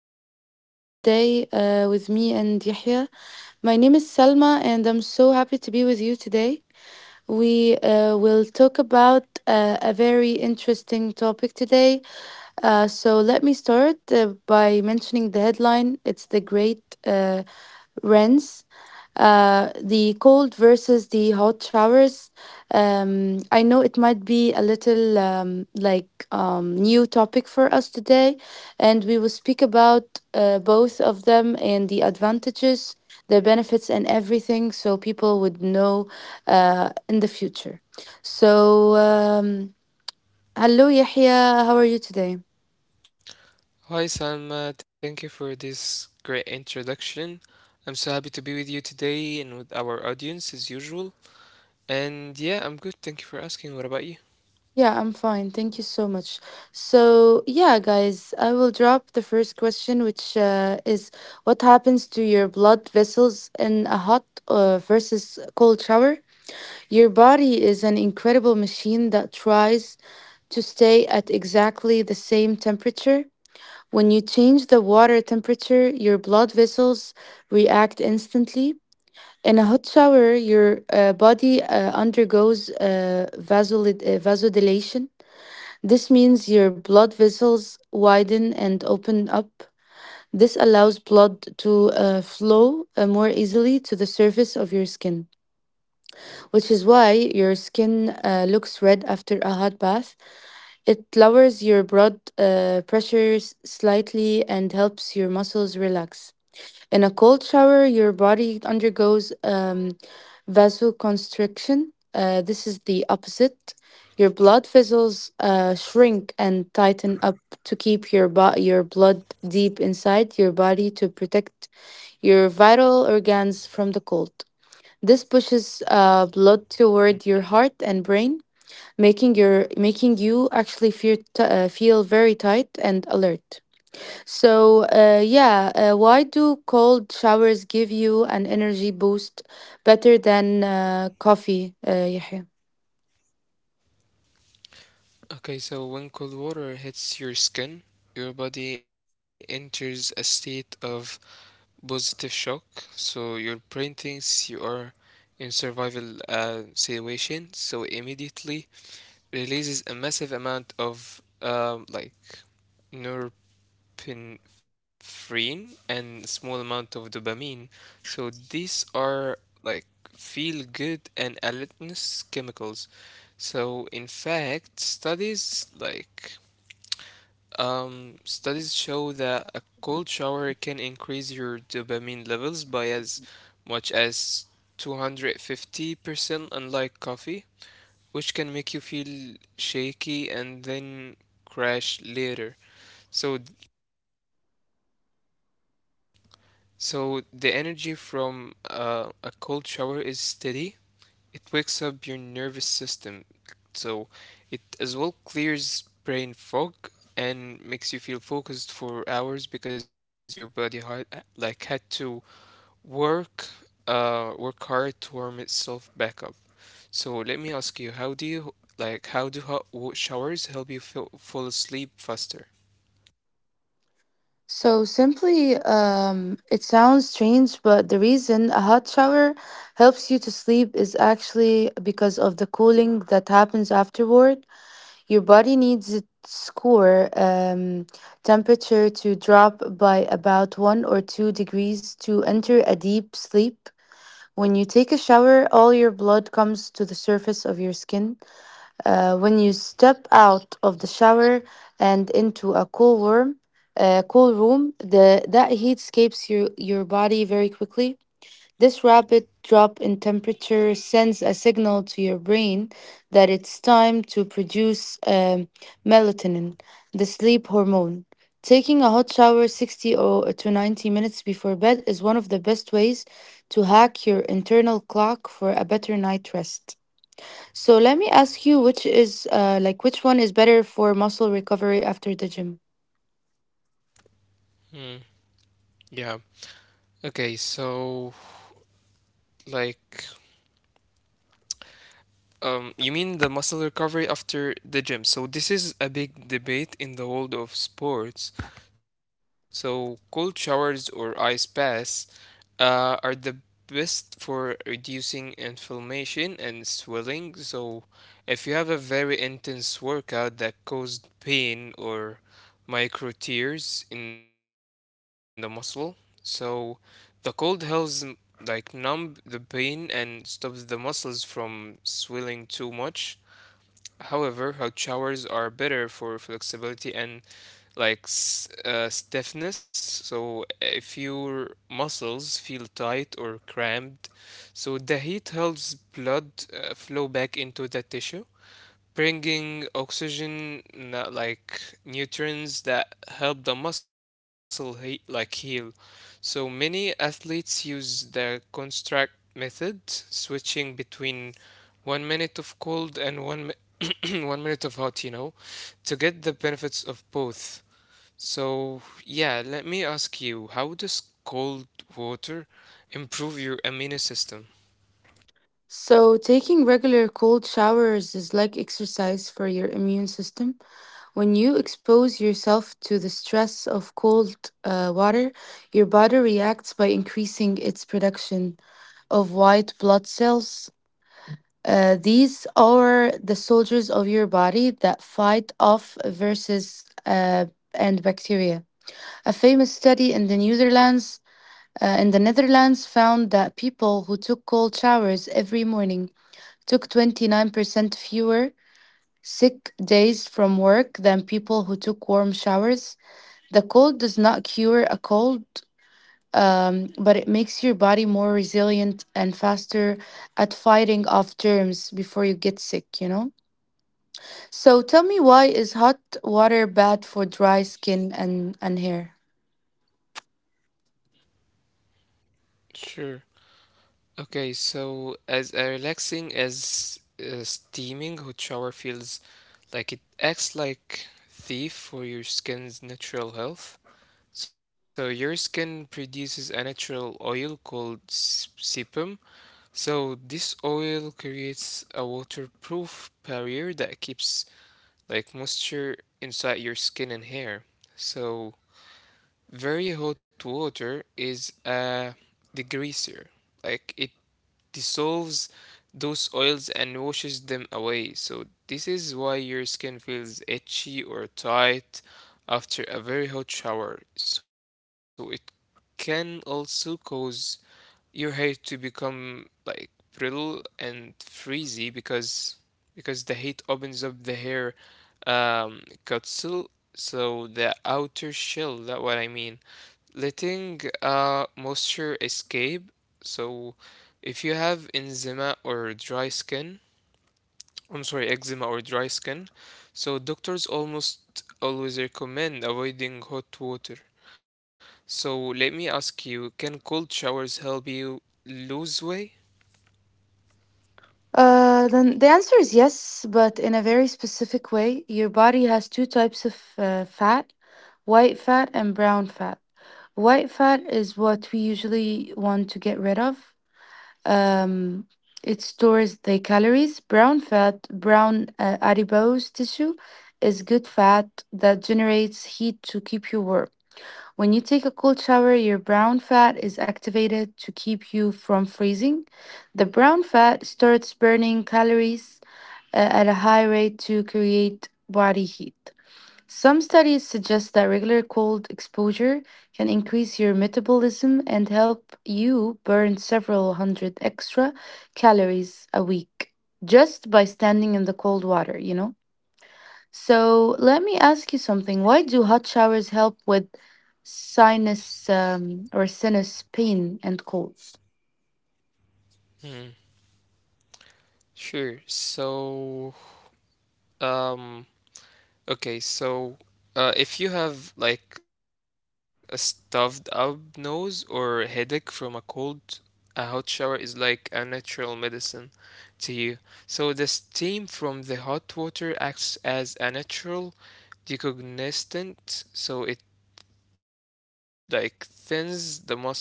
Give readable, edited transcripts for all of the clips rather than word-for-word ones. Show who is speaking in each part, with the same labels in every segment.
Speaker 1: episode today with me and Yahya. My name is Salma, and I'm so happy to be with you today. We will talk about a very interesting topic today. Let me start by mentioning the headline, it's the Great Rents, the cold versus the hot showers. I know it might be a little new topic for us today, and we will speak about both of them and the advantages, the benefits, and everything, so people would know in the future. So, hello, Yahya. How are you today?
Speaker 2: Hi Salma, thank you for this great introduction. I'm so happy to be with you today and with our audience as usual. And yeah, I'm good. Thank you for asking. What about you?
Speaker 1: Yeah, I'm fine. Thank you so much. So, yeah, guys, I will drop the first question, which is, what happens to your blood vessels in a hot versus cold shower? Your body is an incredible machine that tries to stay at exactly the same temperature. When you change the water temperature, your blood vessels react instantly. In a hot shower, your body undergoes vasodilation. This means your blood vessels widen and open up. This allows blood to flow more easily to the surface of your skin, which is why your skin looks red after a hot bath. It lowers your blood pressures slightly and helps your muscles relax. In a cold shower, your body undergoes vasoconstriction. This is the opposite. Your blood vessels shrink and tighten up to keep your your blood deep inside your body to protect your vital organs from the cold. This pushes blood
Speaker 2: Mm.
Speaker 1: toward your heart and brain, making you actually feel feel very tight and alert. So, why do cold showers give you an energy boost better than coffee, Yahya?
Speaker 2: Okay, so when cold water hits your skin, your body enters a state of positive shock. So your brain thinks you are in survival situation, so immediately releases a massive amount of like norepinephrine and a small amount of dopamine. So these are like feel good and alertness chemicals. So in fact, studies show that a cold shower can increase your dopamine levels by as much as 250%, unlike coffee, which can make you feel shaky and then crash later. So So the energy from a cold shower is steady. It wakes up your nervous system. So it as well clears brain fog and makes you feel focused for hours because your body had to work work hard to warm itself back up. So let me ask you, how do hot showers help you feel, fall asleep faster?
Speaker 1: So, simply, it sounds strange, but the reason a hot shower helps you to sleep is actually because of the cooling that happens afterward. Your body needs its core temperature to drop by about 1 or 2 degrees to enter a deep sleep. When you take a shower, all your blood comes to the surface of your skin. When you step out of the shower and into a cool room, the that heat escapes your body very quickly. This rapid drop in temperature sends a signal to your brain that it's time to produce melatonin, the sleep hormone. Taking a hot shower 60 or to 90 minutes before bed is one of the best ways to hack your internal clock for a better night rest. So let me ask you, which is which one is better for muscle recovery after the gym?
Speaker 2: Hmm. Yeah. Okay, so like you mean the muscle recovery after the gym? So this is a big debate in the world of sports. So cold showers or ice baths are the best for reducing inflammation and swelling. So if you have a very intense workout that caused pain or micro tears in the muscle, so the cold helps like numb the pain and stops the muscles from swelling too much. However, hot showers are better for flexibility and like stiffness. So if your muscles feel tight or cramped, so the heat helps blood flow back into the tissue, bringing oxygen like nutrients that help the muscle like heal. So many athletes use the construct method, switching between 1 minute of cold and 1 minute of hot, to get the benefits of both. So yeah, let me ask you, how does cold water improve your immune system?
Speaker 1: So taking regular cold showers is like exercise for your immune system. When you expose yourself to the stress of cold water, your body reacts by increasing its production of white blood cells. These are the soldiers of your body that fight off viruses and bacteria. A famous study in the Netherlands, In the Netherlands, found that people who took cold showers every morning took 29% fewer sick days from work than people who took warm showers. The cold does not cure a cold, but it makes your body more resilient and faster at fighting off germs before you get sick, you know? So tell me, why is hot water bad for dry skin and hair?
Speaker 2: Sure. Okay, so as relaxing as steaming hot shower feels, like it acts like thief for your skin's natural health. So your skin produces a natural oil called sebum. So this oil creates a waterproof barrier that keeps like moisture inside your skin and hair. So very hot water is a degreaser. Like it dissolves those oils and washes them away. So this is why your skin feels itchy or tight after a very hot shower. So it can also cause your hair to become like brittle and frizzy because the heat opens up the hair um, capsule, so the outer shell, that what I mean, letting moisture escape. So, if you have eczema or dry skin, I'm sorry, eczema or dry skin, so doctors almost always recommend avoiding hot water. So, let me ask you, can cold showers help you lose weight?
Speaker 1: Then the answer is yes, but in a very specific way. Your body has two types of fat, white fat and brown fat. White fat is what we usually want to get rid of. Um, it stores the calories. Brown fat, brown adipose tissue, is good fat that generates heat to keep you warm. When you take a cold shower, your brown fat is activated to keep you from freezing. The brown fat starts burning calories at a high rate to create body heat. Some studies suggest that regular cold exposure can increase your metabolism and help you burn several hundred extra calories a week just by standing in the cold water, you know? So let me ask you something. Why do hot showers help with sinus pain and colds?
Speaker 2: Hmm, sure. Um, Okay, so if you have like a stuffed up nose or headache from a cold, a hot shower is like a natural medicine to you. So the steam from the hot water acts as a natural decongestant, so it like thins the muscles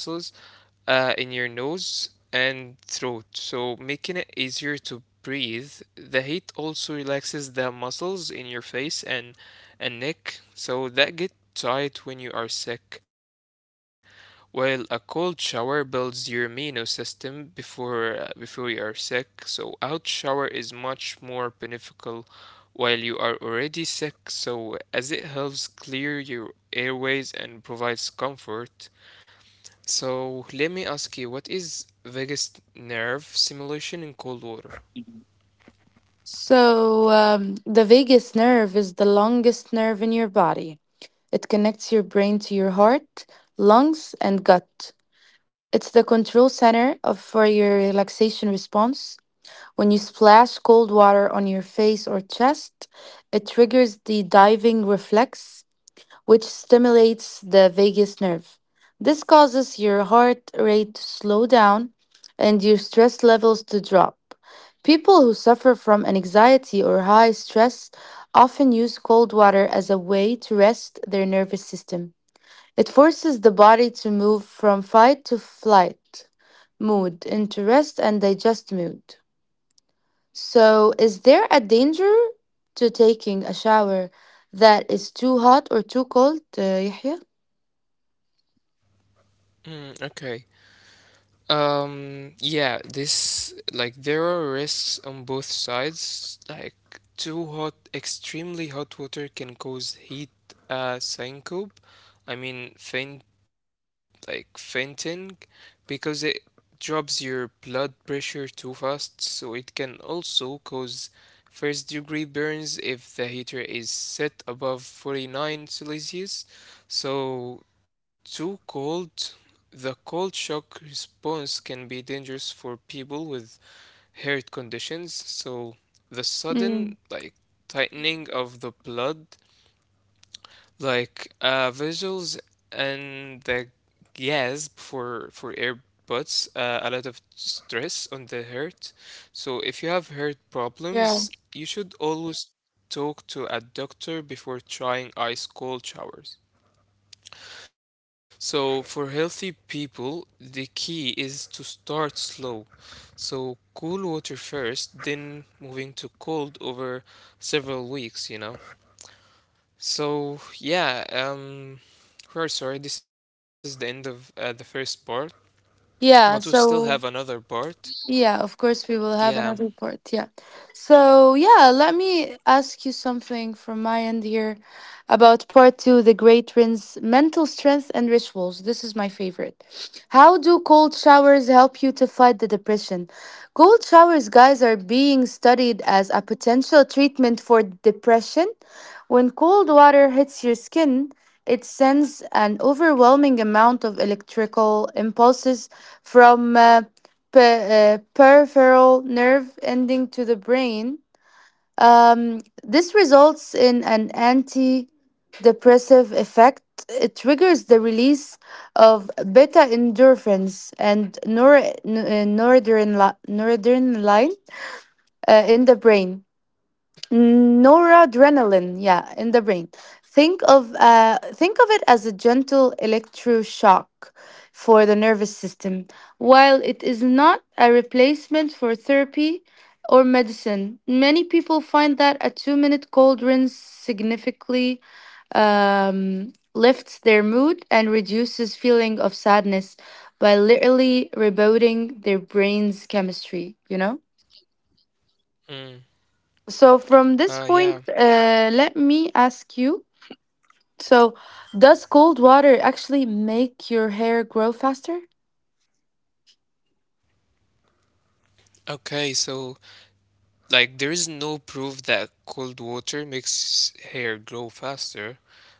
Speaker 2: in your nose and throat, so making it easier to breathe. The heat also relaxes the muscles in your face and neck, so that get tight when you are sick. While a cold shower builds your immune system before you are sick, so out shower is much more beneficial while you are already sick, so as it helps clear your airways and provides comfort. So let me ask you, what is vagus nerve stimulation in cold water?
Speaker 1: So, the vagus nerve is the longest nerve in your body. It connects your brain to your heart, lungs, and gut. It's the control center for your relaxation response. When you splash cold water on your face or chest, it triggers the diving reflex, which stimulates the vagus nerve. This causes your heart rate to slow down and your stress levels to drop. People who suffer from anxiety or high stress often use cold water as a way to rest their nervous system. It forces the body to move from fight to flight mood into rest and digest mood. So, is there a danger to taking a shower that is too hot or too cold, Yahya?
Speaker 2: Mm, okay. Yeah, this like there are risks on both sides. Like too hot, extremely hot water can cause heat syncope. I mean fainting, because it drops your blood pressure too fast, so it can also cause first degree burns if the heater is set above 49 Celsius. So too cold, the cold shock response can be dangerous for people with heart conditions. So the sudden
Speaker 1: Mm,
Speaker 2: like tightening of the blood, like visuals and the gas for earbuds, a lot of stress on the heart. So if you have heart
Speaker 1: yeah.
Speaker 2: problems, you should always talk to a doctor before trying ice cold showers. So, for healthy people, the key is to start slow. So, cool water first, then moving to cold over several weeks. So, yeah, we're sorry, this is the end of the first part,
Speaker 1: Yeah,
Speaker 2: but we still
Speaker 1: so
Speaker 2: have another part.
Speaker 1: yeah, of course, we will have another
Speaker 2: Yeah.
Speaker 1: part. Yeah. So, yeah, let me ask you something from my end here about part two, the great rinse, mental strength and rituals. This is my favorite. How do cold showers help you to fight the depression? Cold showers, guys, are being studied as a potential treatment for depression. When cold water hits your skin, it sends an overwhelming amount of electrical impulses from peripheral nerve ending to the brain. This results in an antidepressive effect. It triggers the release of beta endorphins and noradrenaline uh, in the brain in the brain. Think of it as a gentle electroshock for the nervous system. While it is not a replacement for therapy or medicine, many people find that a 2 minute cold rinse significantly lifts their mood and reduces feeling of sadness by literally rebooting their brain's chemistry, you know?
Speaker 2: Mm.
Speaker 1: So, from this point,
Speaker 2: Yeah.
Speaker 1: let me ask you. So, does cold water actually make your hair grow faster?
Speaker 2: Okay, so like there is no proof that cold water makes hair grow faster,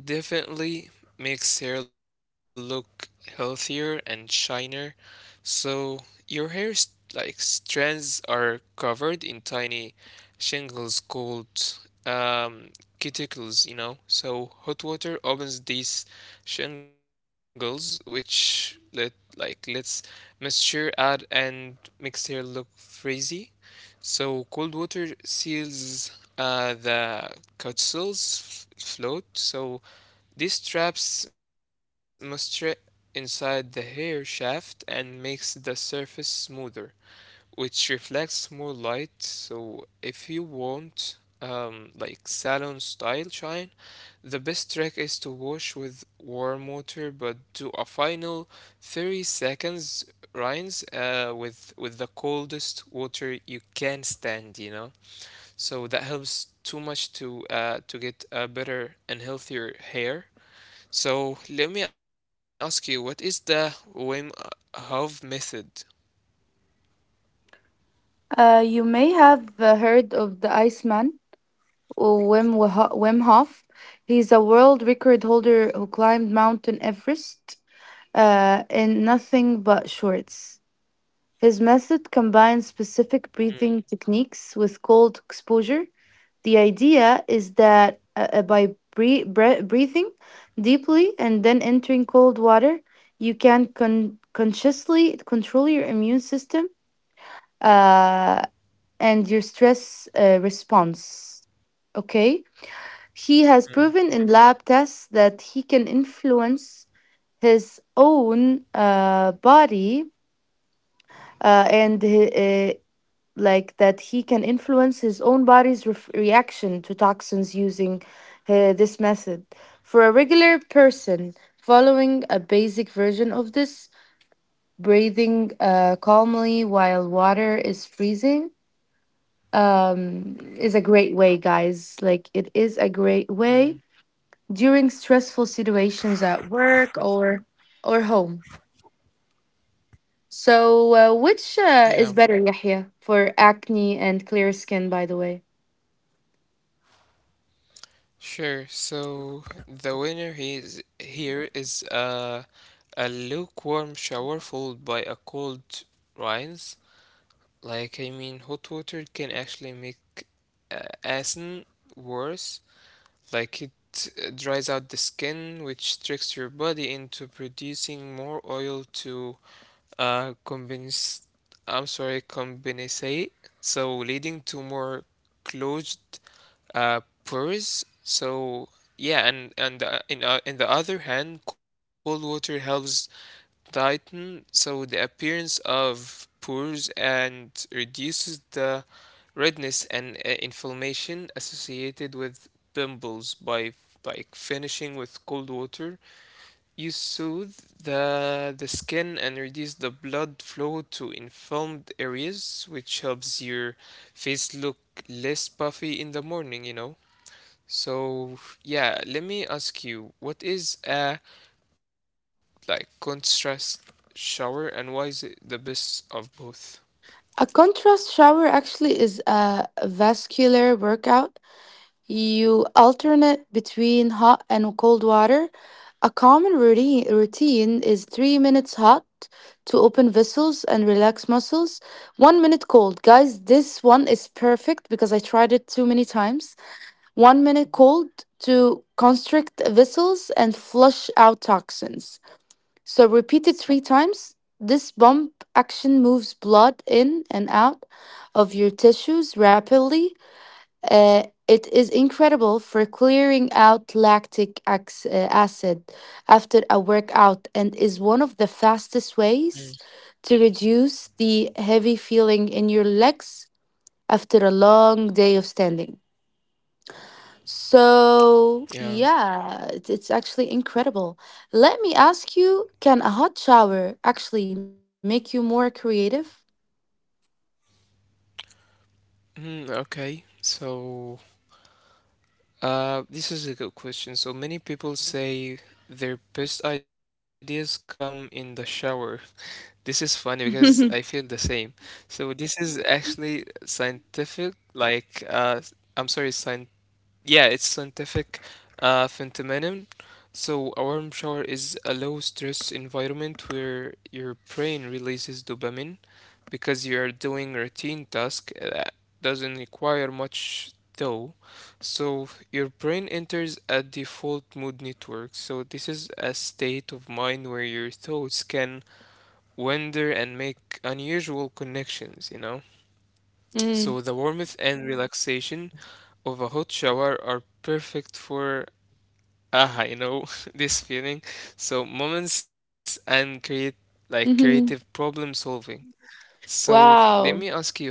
Speaker 2: but it definitely makes hair look healthier and shinier. So your hair's like strands are covered in tiny shingles called um, cuticles. So hot water opens these shingles, which lets moisture out and makes hair look frizzy. So cold water seals the cuticles float. So these traps moisture inside the hair shaft and makes the surface smoother, which reflects more light. So if you want like salon style shine, the best trick is to wash with warm water, but do a final 30 seconds rinse with the coldest water you can stand. So that helps too much to get a better and healthier hair. So let me ask you, what is the Wim Hof method?
Speaker 1: You may have heard of the Iceman, or Wim Hof. He's a world record holder who climbed Mountain Everest in nothing but shorts. His method combines specific
Speaker 2: Mm,
Speaker 1: breathing techniques with cold exposure. The idea is that by breathing deeply and then entering cold water, you can consciously control your immune system uh, and your stress response. Okay? He has
Speaker 2: mm.
Speaker 1: proven in lab tests that he can influence his own body and hi- like that he can influence his own body's ref reaction to toxins using this method. For a regular person, following a basic version of this, breathing calmly while water is freezing, is a great way, guys. Like, it is a great way during stressful situations at work or home. So, which
Speaker 2: Yeah,
Speaker 1: is better, Yahya, for acne and clear skin, by the way?
Speaker 2: sure. So the winner is here is a lukewarm shower followed by a cold rinse. Like I mean, hot water can actually make acne worse. Like it dries out the skin, which tricks your body into producing more oil to combines, I'm sorry, compensate. So leading to more closed pores. So yeah, and in the other hand, cold water helps tighten so the appearance of pores and reduces the redness and inflammation associated with pimples. By like finishing with cold water, you soothe the skin and reduce the blood flow to inflamed areas, which helps your face look less puffy in the morning. So, yeah, let me ask you, what is a like contrast shower and why is it the best of both?
Speaker 1: A contrast shower actually is a vascular workout. You alternate between hot and cold water. A common routine is 3 minutes hot to open vessels and relax muscles, 1 minute cold. Guys, this one is perfect because I tried it too many times. 1 minute cold to constrict vessels and flush out toxins. So, repeated three times, this pump action moves blood in and out of your tissues rapidly. It is incredible for clearing out lactic acid after a workout and is one of the fastest
Speaker 2: Mm.
Speaker 1: ways to reduce the heavy feeling in your legs after a long day of standing. So,
Speaker 2: Yeah.
Speaker 1: yeah, it's actually incredible. Let me ask you, can a hot shower actually make you more creative?
Speaker 2: Mm, okay. So, this is a good question. So many people say their best ideas come in the shower. This is funny because I feel the same. So this is actually scientific, like I'm sorry, it's scientific phenomenon. So a warm shower is a low stress environment where your brain releases dopamine because you're doing routine task that doesn't require much though. So your brain enters a default mood network. So this is a state of mind where your thoughts can wonder and make unusual connections, you know? So the warmth and relaxation of a hot shower are perfect for aha, you know, this feeling. So moments and create like creative
Speaker 1: Mm-hmm.
Speaker 2: problem solving. So let me
Speaker 1: Wow.
Speaker 2: ask you, how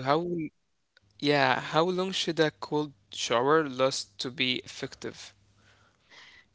Speaker 2: yeah, how long should a cold shower last to be effective?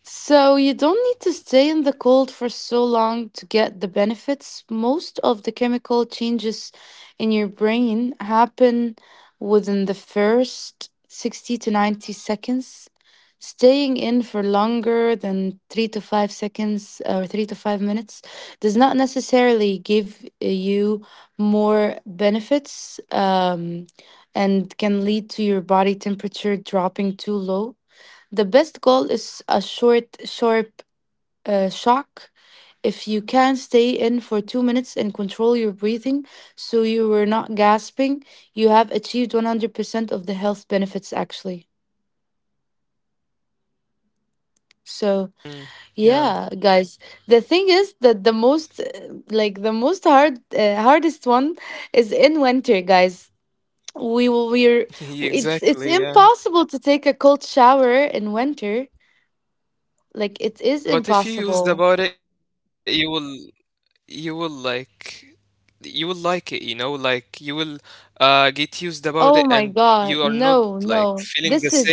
Speaker 1: So you don't need to stay in the cold for so long to get the benefits. Most of the chemical changes in your brain happen within the first 60 to 90 seconds. Staying in for longer than 3 to 5 seconds or 3 to 5 minutes does not necessarily give you more benefits, and can lead to your body temperature dropping too low. The best goal is a short, sharp shock. If you can stay in for 2 minutes and control your breathing so you were not gasping, you have achieved 100% of the health benefits actually. So,
Speaker 2: Mm, yeah,
Speaker 1: yeah, guys, the thing is that the most hard, hardest one is in winter, guys. We will, we're, it's
Speaker 2: exactly, yeah.
Speaker 1: impossible to take a cold shower in winter. Like, it is
Speaker 2: But if you used
Speaker 1: impossible.
Speaker 2: about it, you will you will like you will like it, you know, like you will get used about it and
Speaker 1: Oh my
Speaker 2: you are not
Speaker 1: God.
Speaker 2: like
Speaker 1: No,
Speaker 2: feeling the
Speaker 1: no. This
Speaker 2: same
Speaker 1: is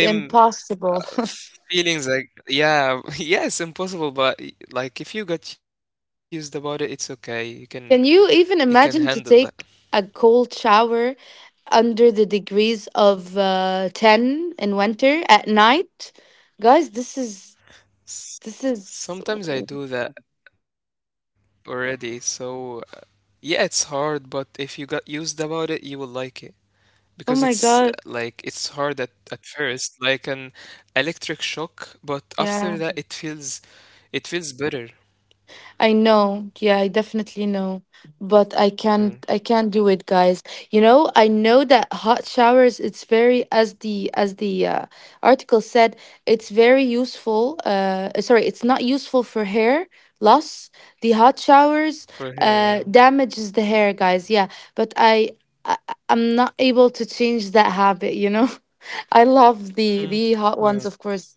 Speaker 2: uh,
Speaker 1: impossible.
Speaker 2: feelings. Like yeah, yeah, it's impossible, but like if you got used about it, it's okay. You can you can
Speaker 1: Can you
Speaker 2: handle
Speaker 1: even
Speaker 2: that.
Speaker 1: imagine to take a cold shower under the degrees of 10 in winter at night? Guys,
Speaker 2: S-
Speaker 1: this is,
Speaker 2: Sometimes I do that already, so yeah, it's hard, but if you got used about it, you will like it, because it's
Speaker 1: oh
Speaker 2: like
Speaker 1: my
Speaker 2: it's
Speaker 1: God.
Speaker 2: hard at first like an electric shock, but after that, it
Speaker 1: Yeah.
Speaker 2: feels it feels better.
Speaker 1: I know. Yeah, I definitely know. But
Speaker 2: Mm,
Speaker 1: I can't do it, guys. You know, I know that hot showers it's very as the article said, it's very useful. Sorry, it's not useful for hair loss. The hot
Speaker 2: for her,
Speaker 1: showers
Speaker 2: yeah.
Speaker 1: damages the hair, guys. Yeah, but I I'm not able to change that habit, you know. I love the
Speaker 2: Mm,
Speaker 1: the hot
Speaker 2: yeah,
Speaker 1: ones, of course.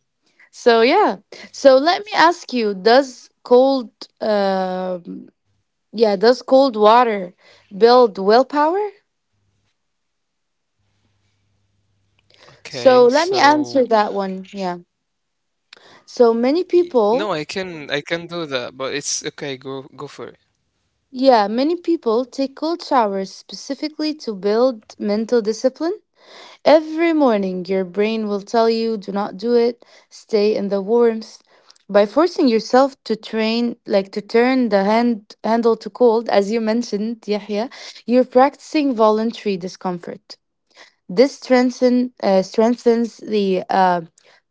Speaker 1: So yeah. So let me ask you: Does um, cold water build willpower?
Speaker 2: okay,
Speaker 1: So let me
Speaker 2: so
Speaker 1: answer that one. Yeah. So many
Speaker 2: no, i
Speaker 1: people,
Speaker 2: can i can do that, but it's okay, go go for it.
Speaker 1: yeah, many people take cold showers specifically to build mental discipline. Every morning, your brain will tell you, do not do it, stay in the warmth. By forcing yourself to train, like to turn the handle to cold, as you mentioned, Yahya, you're practicing voluntary discomfort. This strengthens the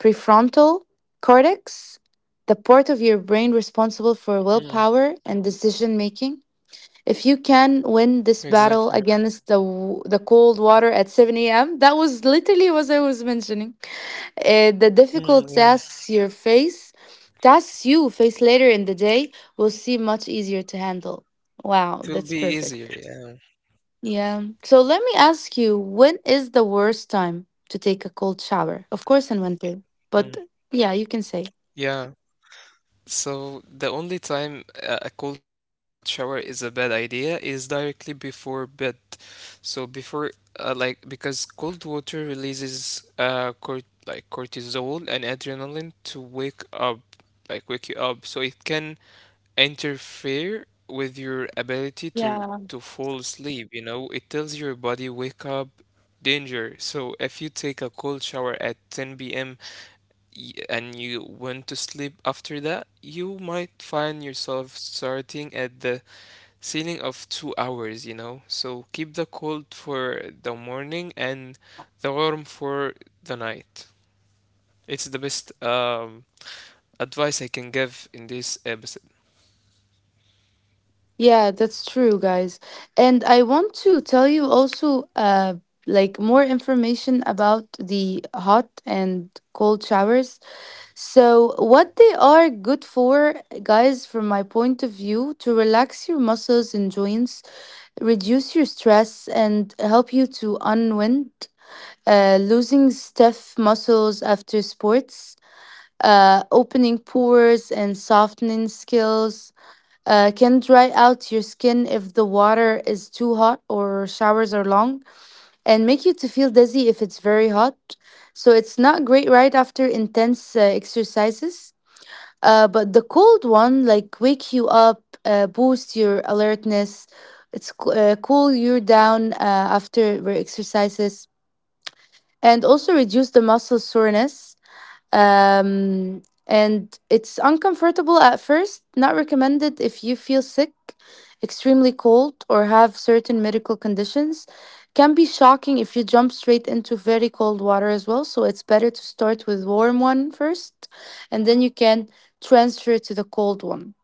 Speaker 1: prefrontal cortex, the part of your brain responsible for
Speaker 2: Mm,
Speaker 1: willpower and decision making. If you can win this
Speaker 2: exactly.
Speaker 1: battle against the cold water at 7 a.m., that was literally what I was mentioning. The difficult
Speaker 2: Mm, yeah,
Speaker 1: tasks you face later in the day, will seem much easier to handle. Wow,
Speaker 2: it will
Speaker 1: that's
Speaker 2: be
Speaker 1: perfect.
Speaker 2: easier, yeah.
Speaker 1: Yeah. So let me ask you, when is the worst time to take a cold shower? Of course, in winter,
Speaker 2: Mm,
Speaker 1: but yeah, you can say.
Speaker 2: yeah. So the only time a cold shower is a bad idea is directly before bed. So before like because cold water releases cort like cortisol and adrenaline to wake you up. So it can interfere with your ability to fall asleep, you know? It tells your body wake up danger. So if you take a cold shower at 10 p.m. And you went to sleep after that, you might find yourself starting at the ceiling of 2 hours, you know? So keep the cold for the morning and the warm for the night. It's the best advice I can give in this episode.
Speaker 1: Yeah, that's true, guys. And I want to tell you also, like more information about the hot and cold showers. So, what they are good for, guys, from my point of view, to relax your muscles and joints, reduce your stress, and help you to unwind, losing stiff muscles after sports, opening pores and softening skills, can dry out your skin if the water is too hot or showers are long, and make you to feel dizzy if it's very hot. So it's not great right after intense exercises. But the cold one, like wake you up, boost your alertness, cool you down after exercises, and also reduce the muscle soreness, and it's uncomfortable at first, not recommended if you feel sick, extremely cold, or have certain medical conditions. Can be shocking if you jump straight into very cold water as well. So it's better to start with warm one first, and then you can transfer to the cold one.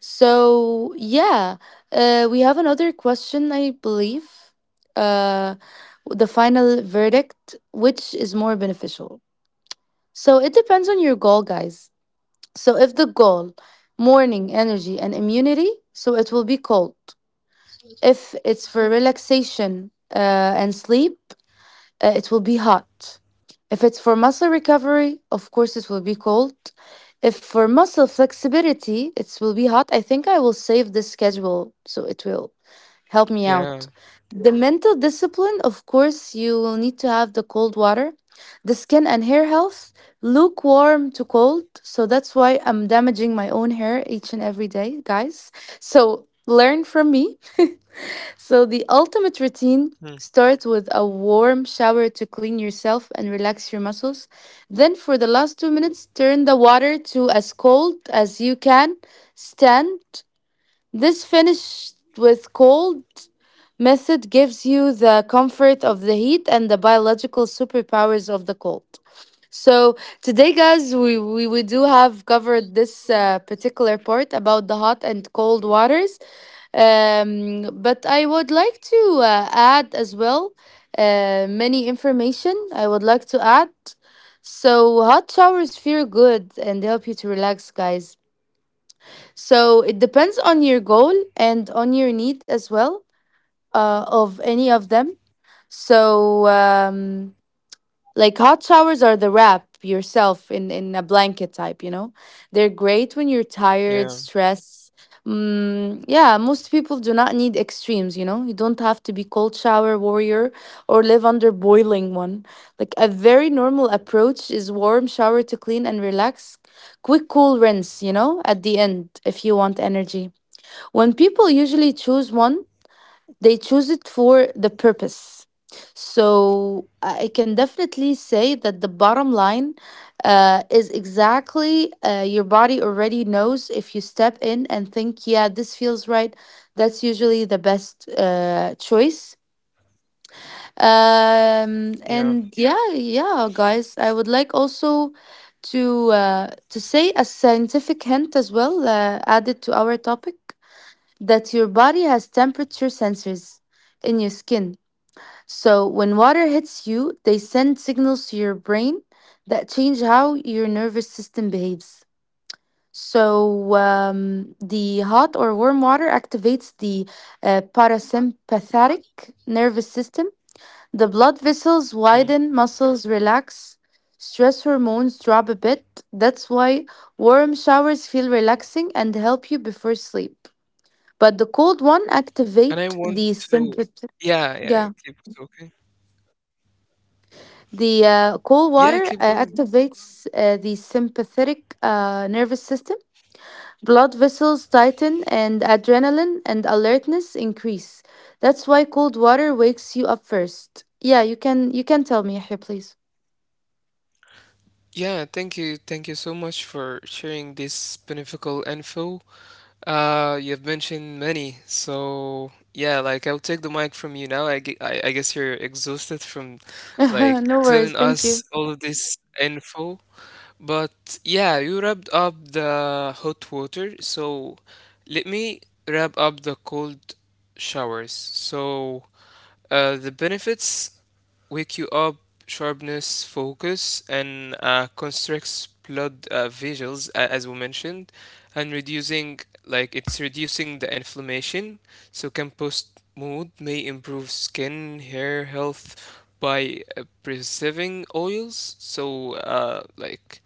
Speaker 1: So yeah, we have another question, I believe. Uh, the final verdict: Which is more beneficial? So it depends on your goal, guys. So if the goal, morning energy and immunity, so it will be cold. If it's for relaxation and sleep, it will be hot. If it's for muscle recovery, of course it will be cold. If for muscle flexibility, it will be hot. I think I will save this schedule so it will help me
Speaker 2: Yeah.
Speaker 1: out. The mental discipline, of course, you will need to have the cold water, the skin and hair health, lukewarm to cold. So that's why I'm damaging my own hair each and every day, guys. So learn from me. So the ultimate
Speaker 2: Mm.
Speaker 1: routine starts with a warm shower to clean yourself and relax your muscles. Then, for the last 2 minutes, turn the water to as cold as you can stand. This finished with cold method gives you the comfort of the heat and the biological superpowers of the cold. So today, guys, we do have covered this particular part about the hot and cold waters. But I would like to add as well many information I would like to add. So hot showers feel good and help you to relax, guys. So it depends on your goal and on your need as well, of any of them. So, like hot showers are the wrap yourself in a blanket type, you know. They're great when you're tired,
Speaker 2: Yeah.
Speaker 1: stressed. Mm, yeah, most people do not need extremes, you know. You don't have to be cold shower warrior or live under boiling one. Like a very normal approach is warm shower to clean and relax. Quick cool rinse, you know, at the end if you want energy. When people usually choose one, they choose it for the purpose. So I can definitely say that the bottom line is exactly, your body already knows if you step in and think, yeah, this feels right. That's usually the best choice. Um,
Speaker 2: Yeah.
Speaker 1: and yeah, yeah, guys, I would like also to say a scientific hint as well, added to our topic, that your body has temperature sensors in your skin, so when water hits you, they send signals to your brain that change how your nervous system behaves. So, the hot or warm water activates the parasympathetic nervous system. The blood
Speaker 2: Mm.
Speaker 1: vessels widen, muscles relax, stress hormones drop a bit. That's why warm showers feel relaxing and help you before sleep. But the cold one
Speaker 2: And I want
Speaker 1: activate the
Speaker 2: to.
Speaker 1: sympathetic.
Speaker 2: Yeah. Yeah. Keep talking.
Speaker 1: The cold
Speaker 2: Yeah. Keep
Speaker 1: water
Speaker 2: going.
Speaker 1: activates the sympathetic nervous system. Blood vessels tighten and adrenaline and alertness increase. That's why cold water wakes you up first. Yeah, you can tell me here, please.
Speaker 2: Yeah. Thank you. Thank you so much for sharing this beneficial info. You've mentioned many, so yeah, like I'll take the mic from you now. I guess you're exhausted from like
Speaker 1: No worries.
Speaker 2: telling
Speaker 1: Thank you.
Speaker 2: us all of this info, but yeah, you wrapped up the hot water, so let me wrap up the cold showers. So, the benefits wake you up, sharpness, focus, and constricts blood vessels, as we mentioned, and reducing like it's reducing the inflammation. So compost mood may improve skin, hair health by preserving oils. So like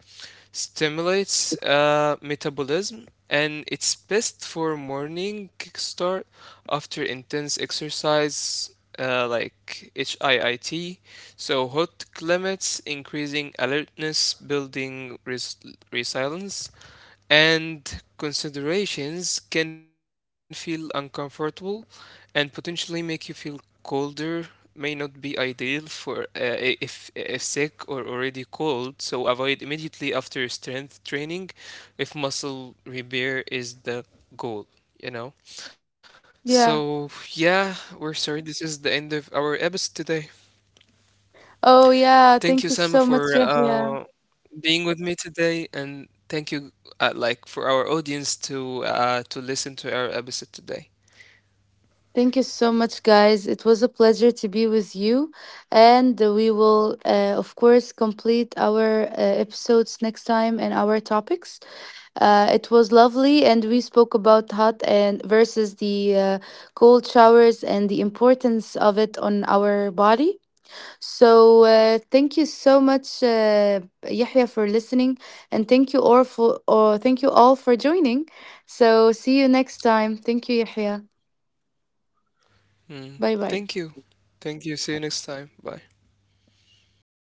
Speaker 2: stimulates metabolism and it's best for morning kickstart after intense exercise like HIIT. So hot climates, increasing alertness, building resilience, and considerations can feel uncomfortable and potentially make you feel colder, may not be ideal for if sick or already cold, so avoid immediately after strength training if muscle repair is the goal you know so
Speaker 1: Yeah.
Speaker 2: yeah, we're sorry, this is the end of our episode today.
Speaker 1: Oh yeah,
Speaker 2: Thank you
Speaker 1: thank you
Speaker 2: Sama
Speaker 1: so
Speaker 2: for
Speaker 1: much, Yahya.
Speaker 2: being with me today, and thank you, like, for our audience to listen to our episode today.
Speaker 1: Thank you so much, guys. It was a pleasure to be with you, and we will, of course, complete our episodes next time and our topics. It was lovely, and we spoke about hot and versus the cold showers and the importance of it on our body. So thank you so much, Yahya, for listening, and thank you all for joining. So see you next time. Thank you, Yahya. Bye
Speaker 2: Mm.
Speaker 1: bye.
Speaker 2: Thank you, thank you. See you next time. Bye.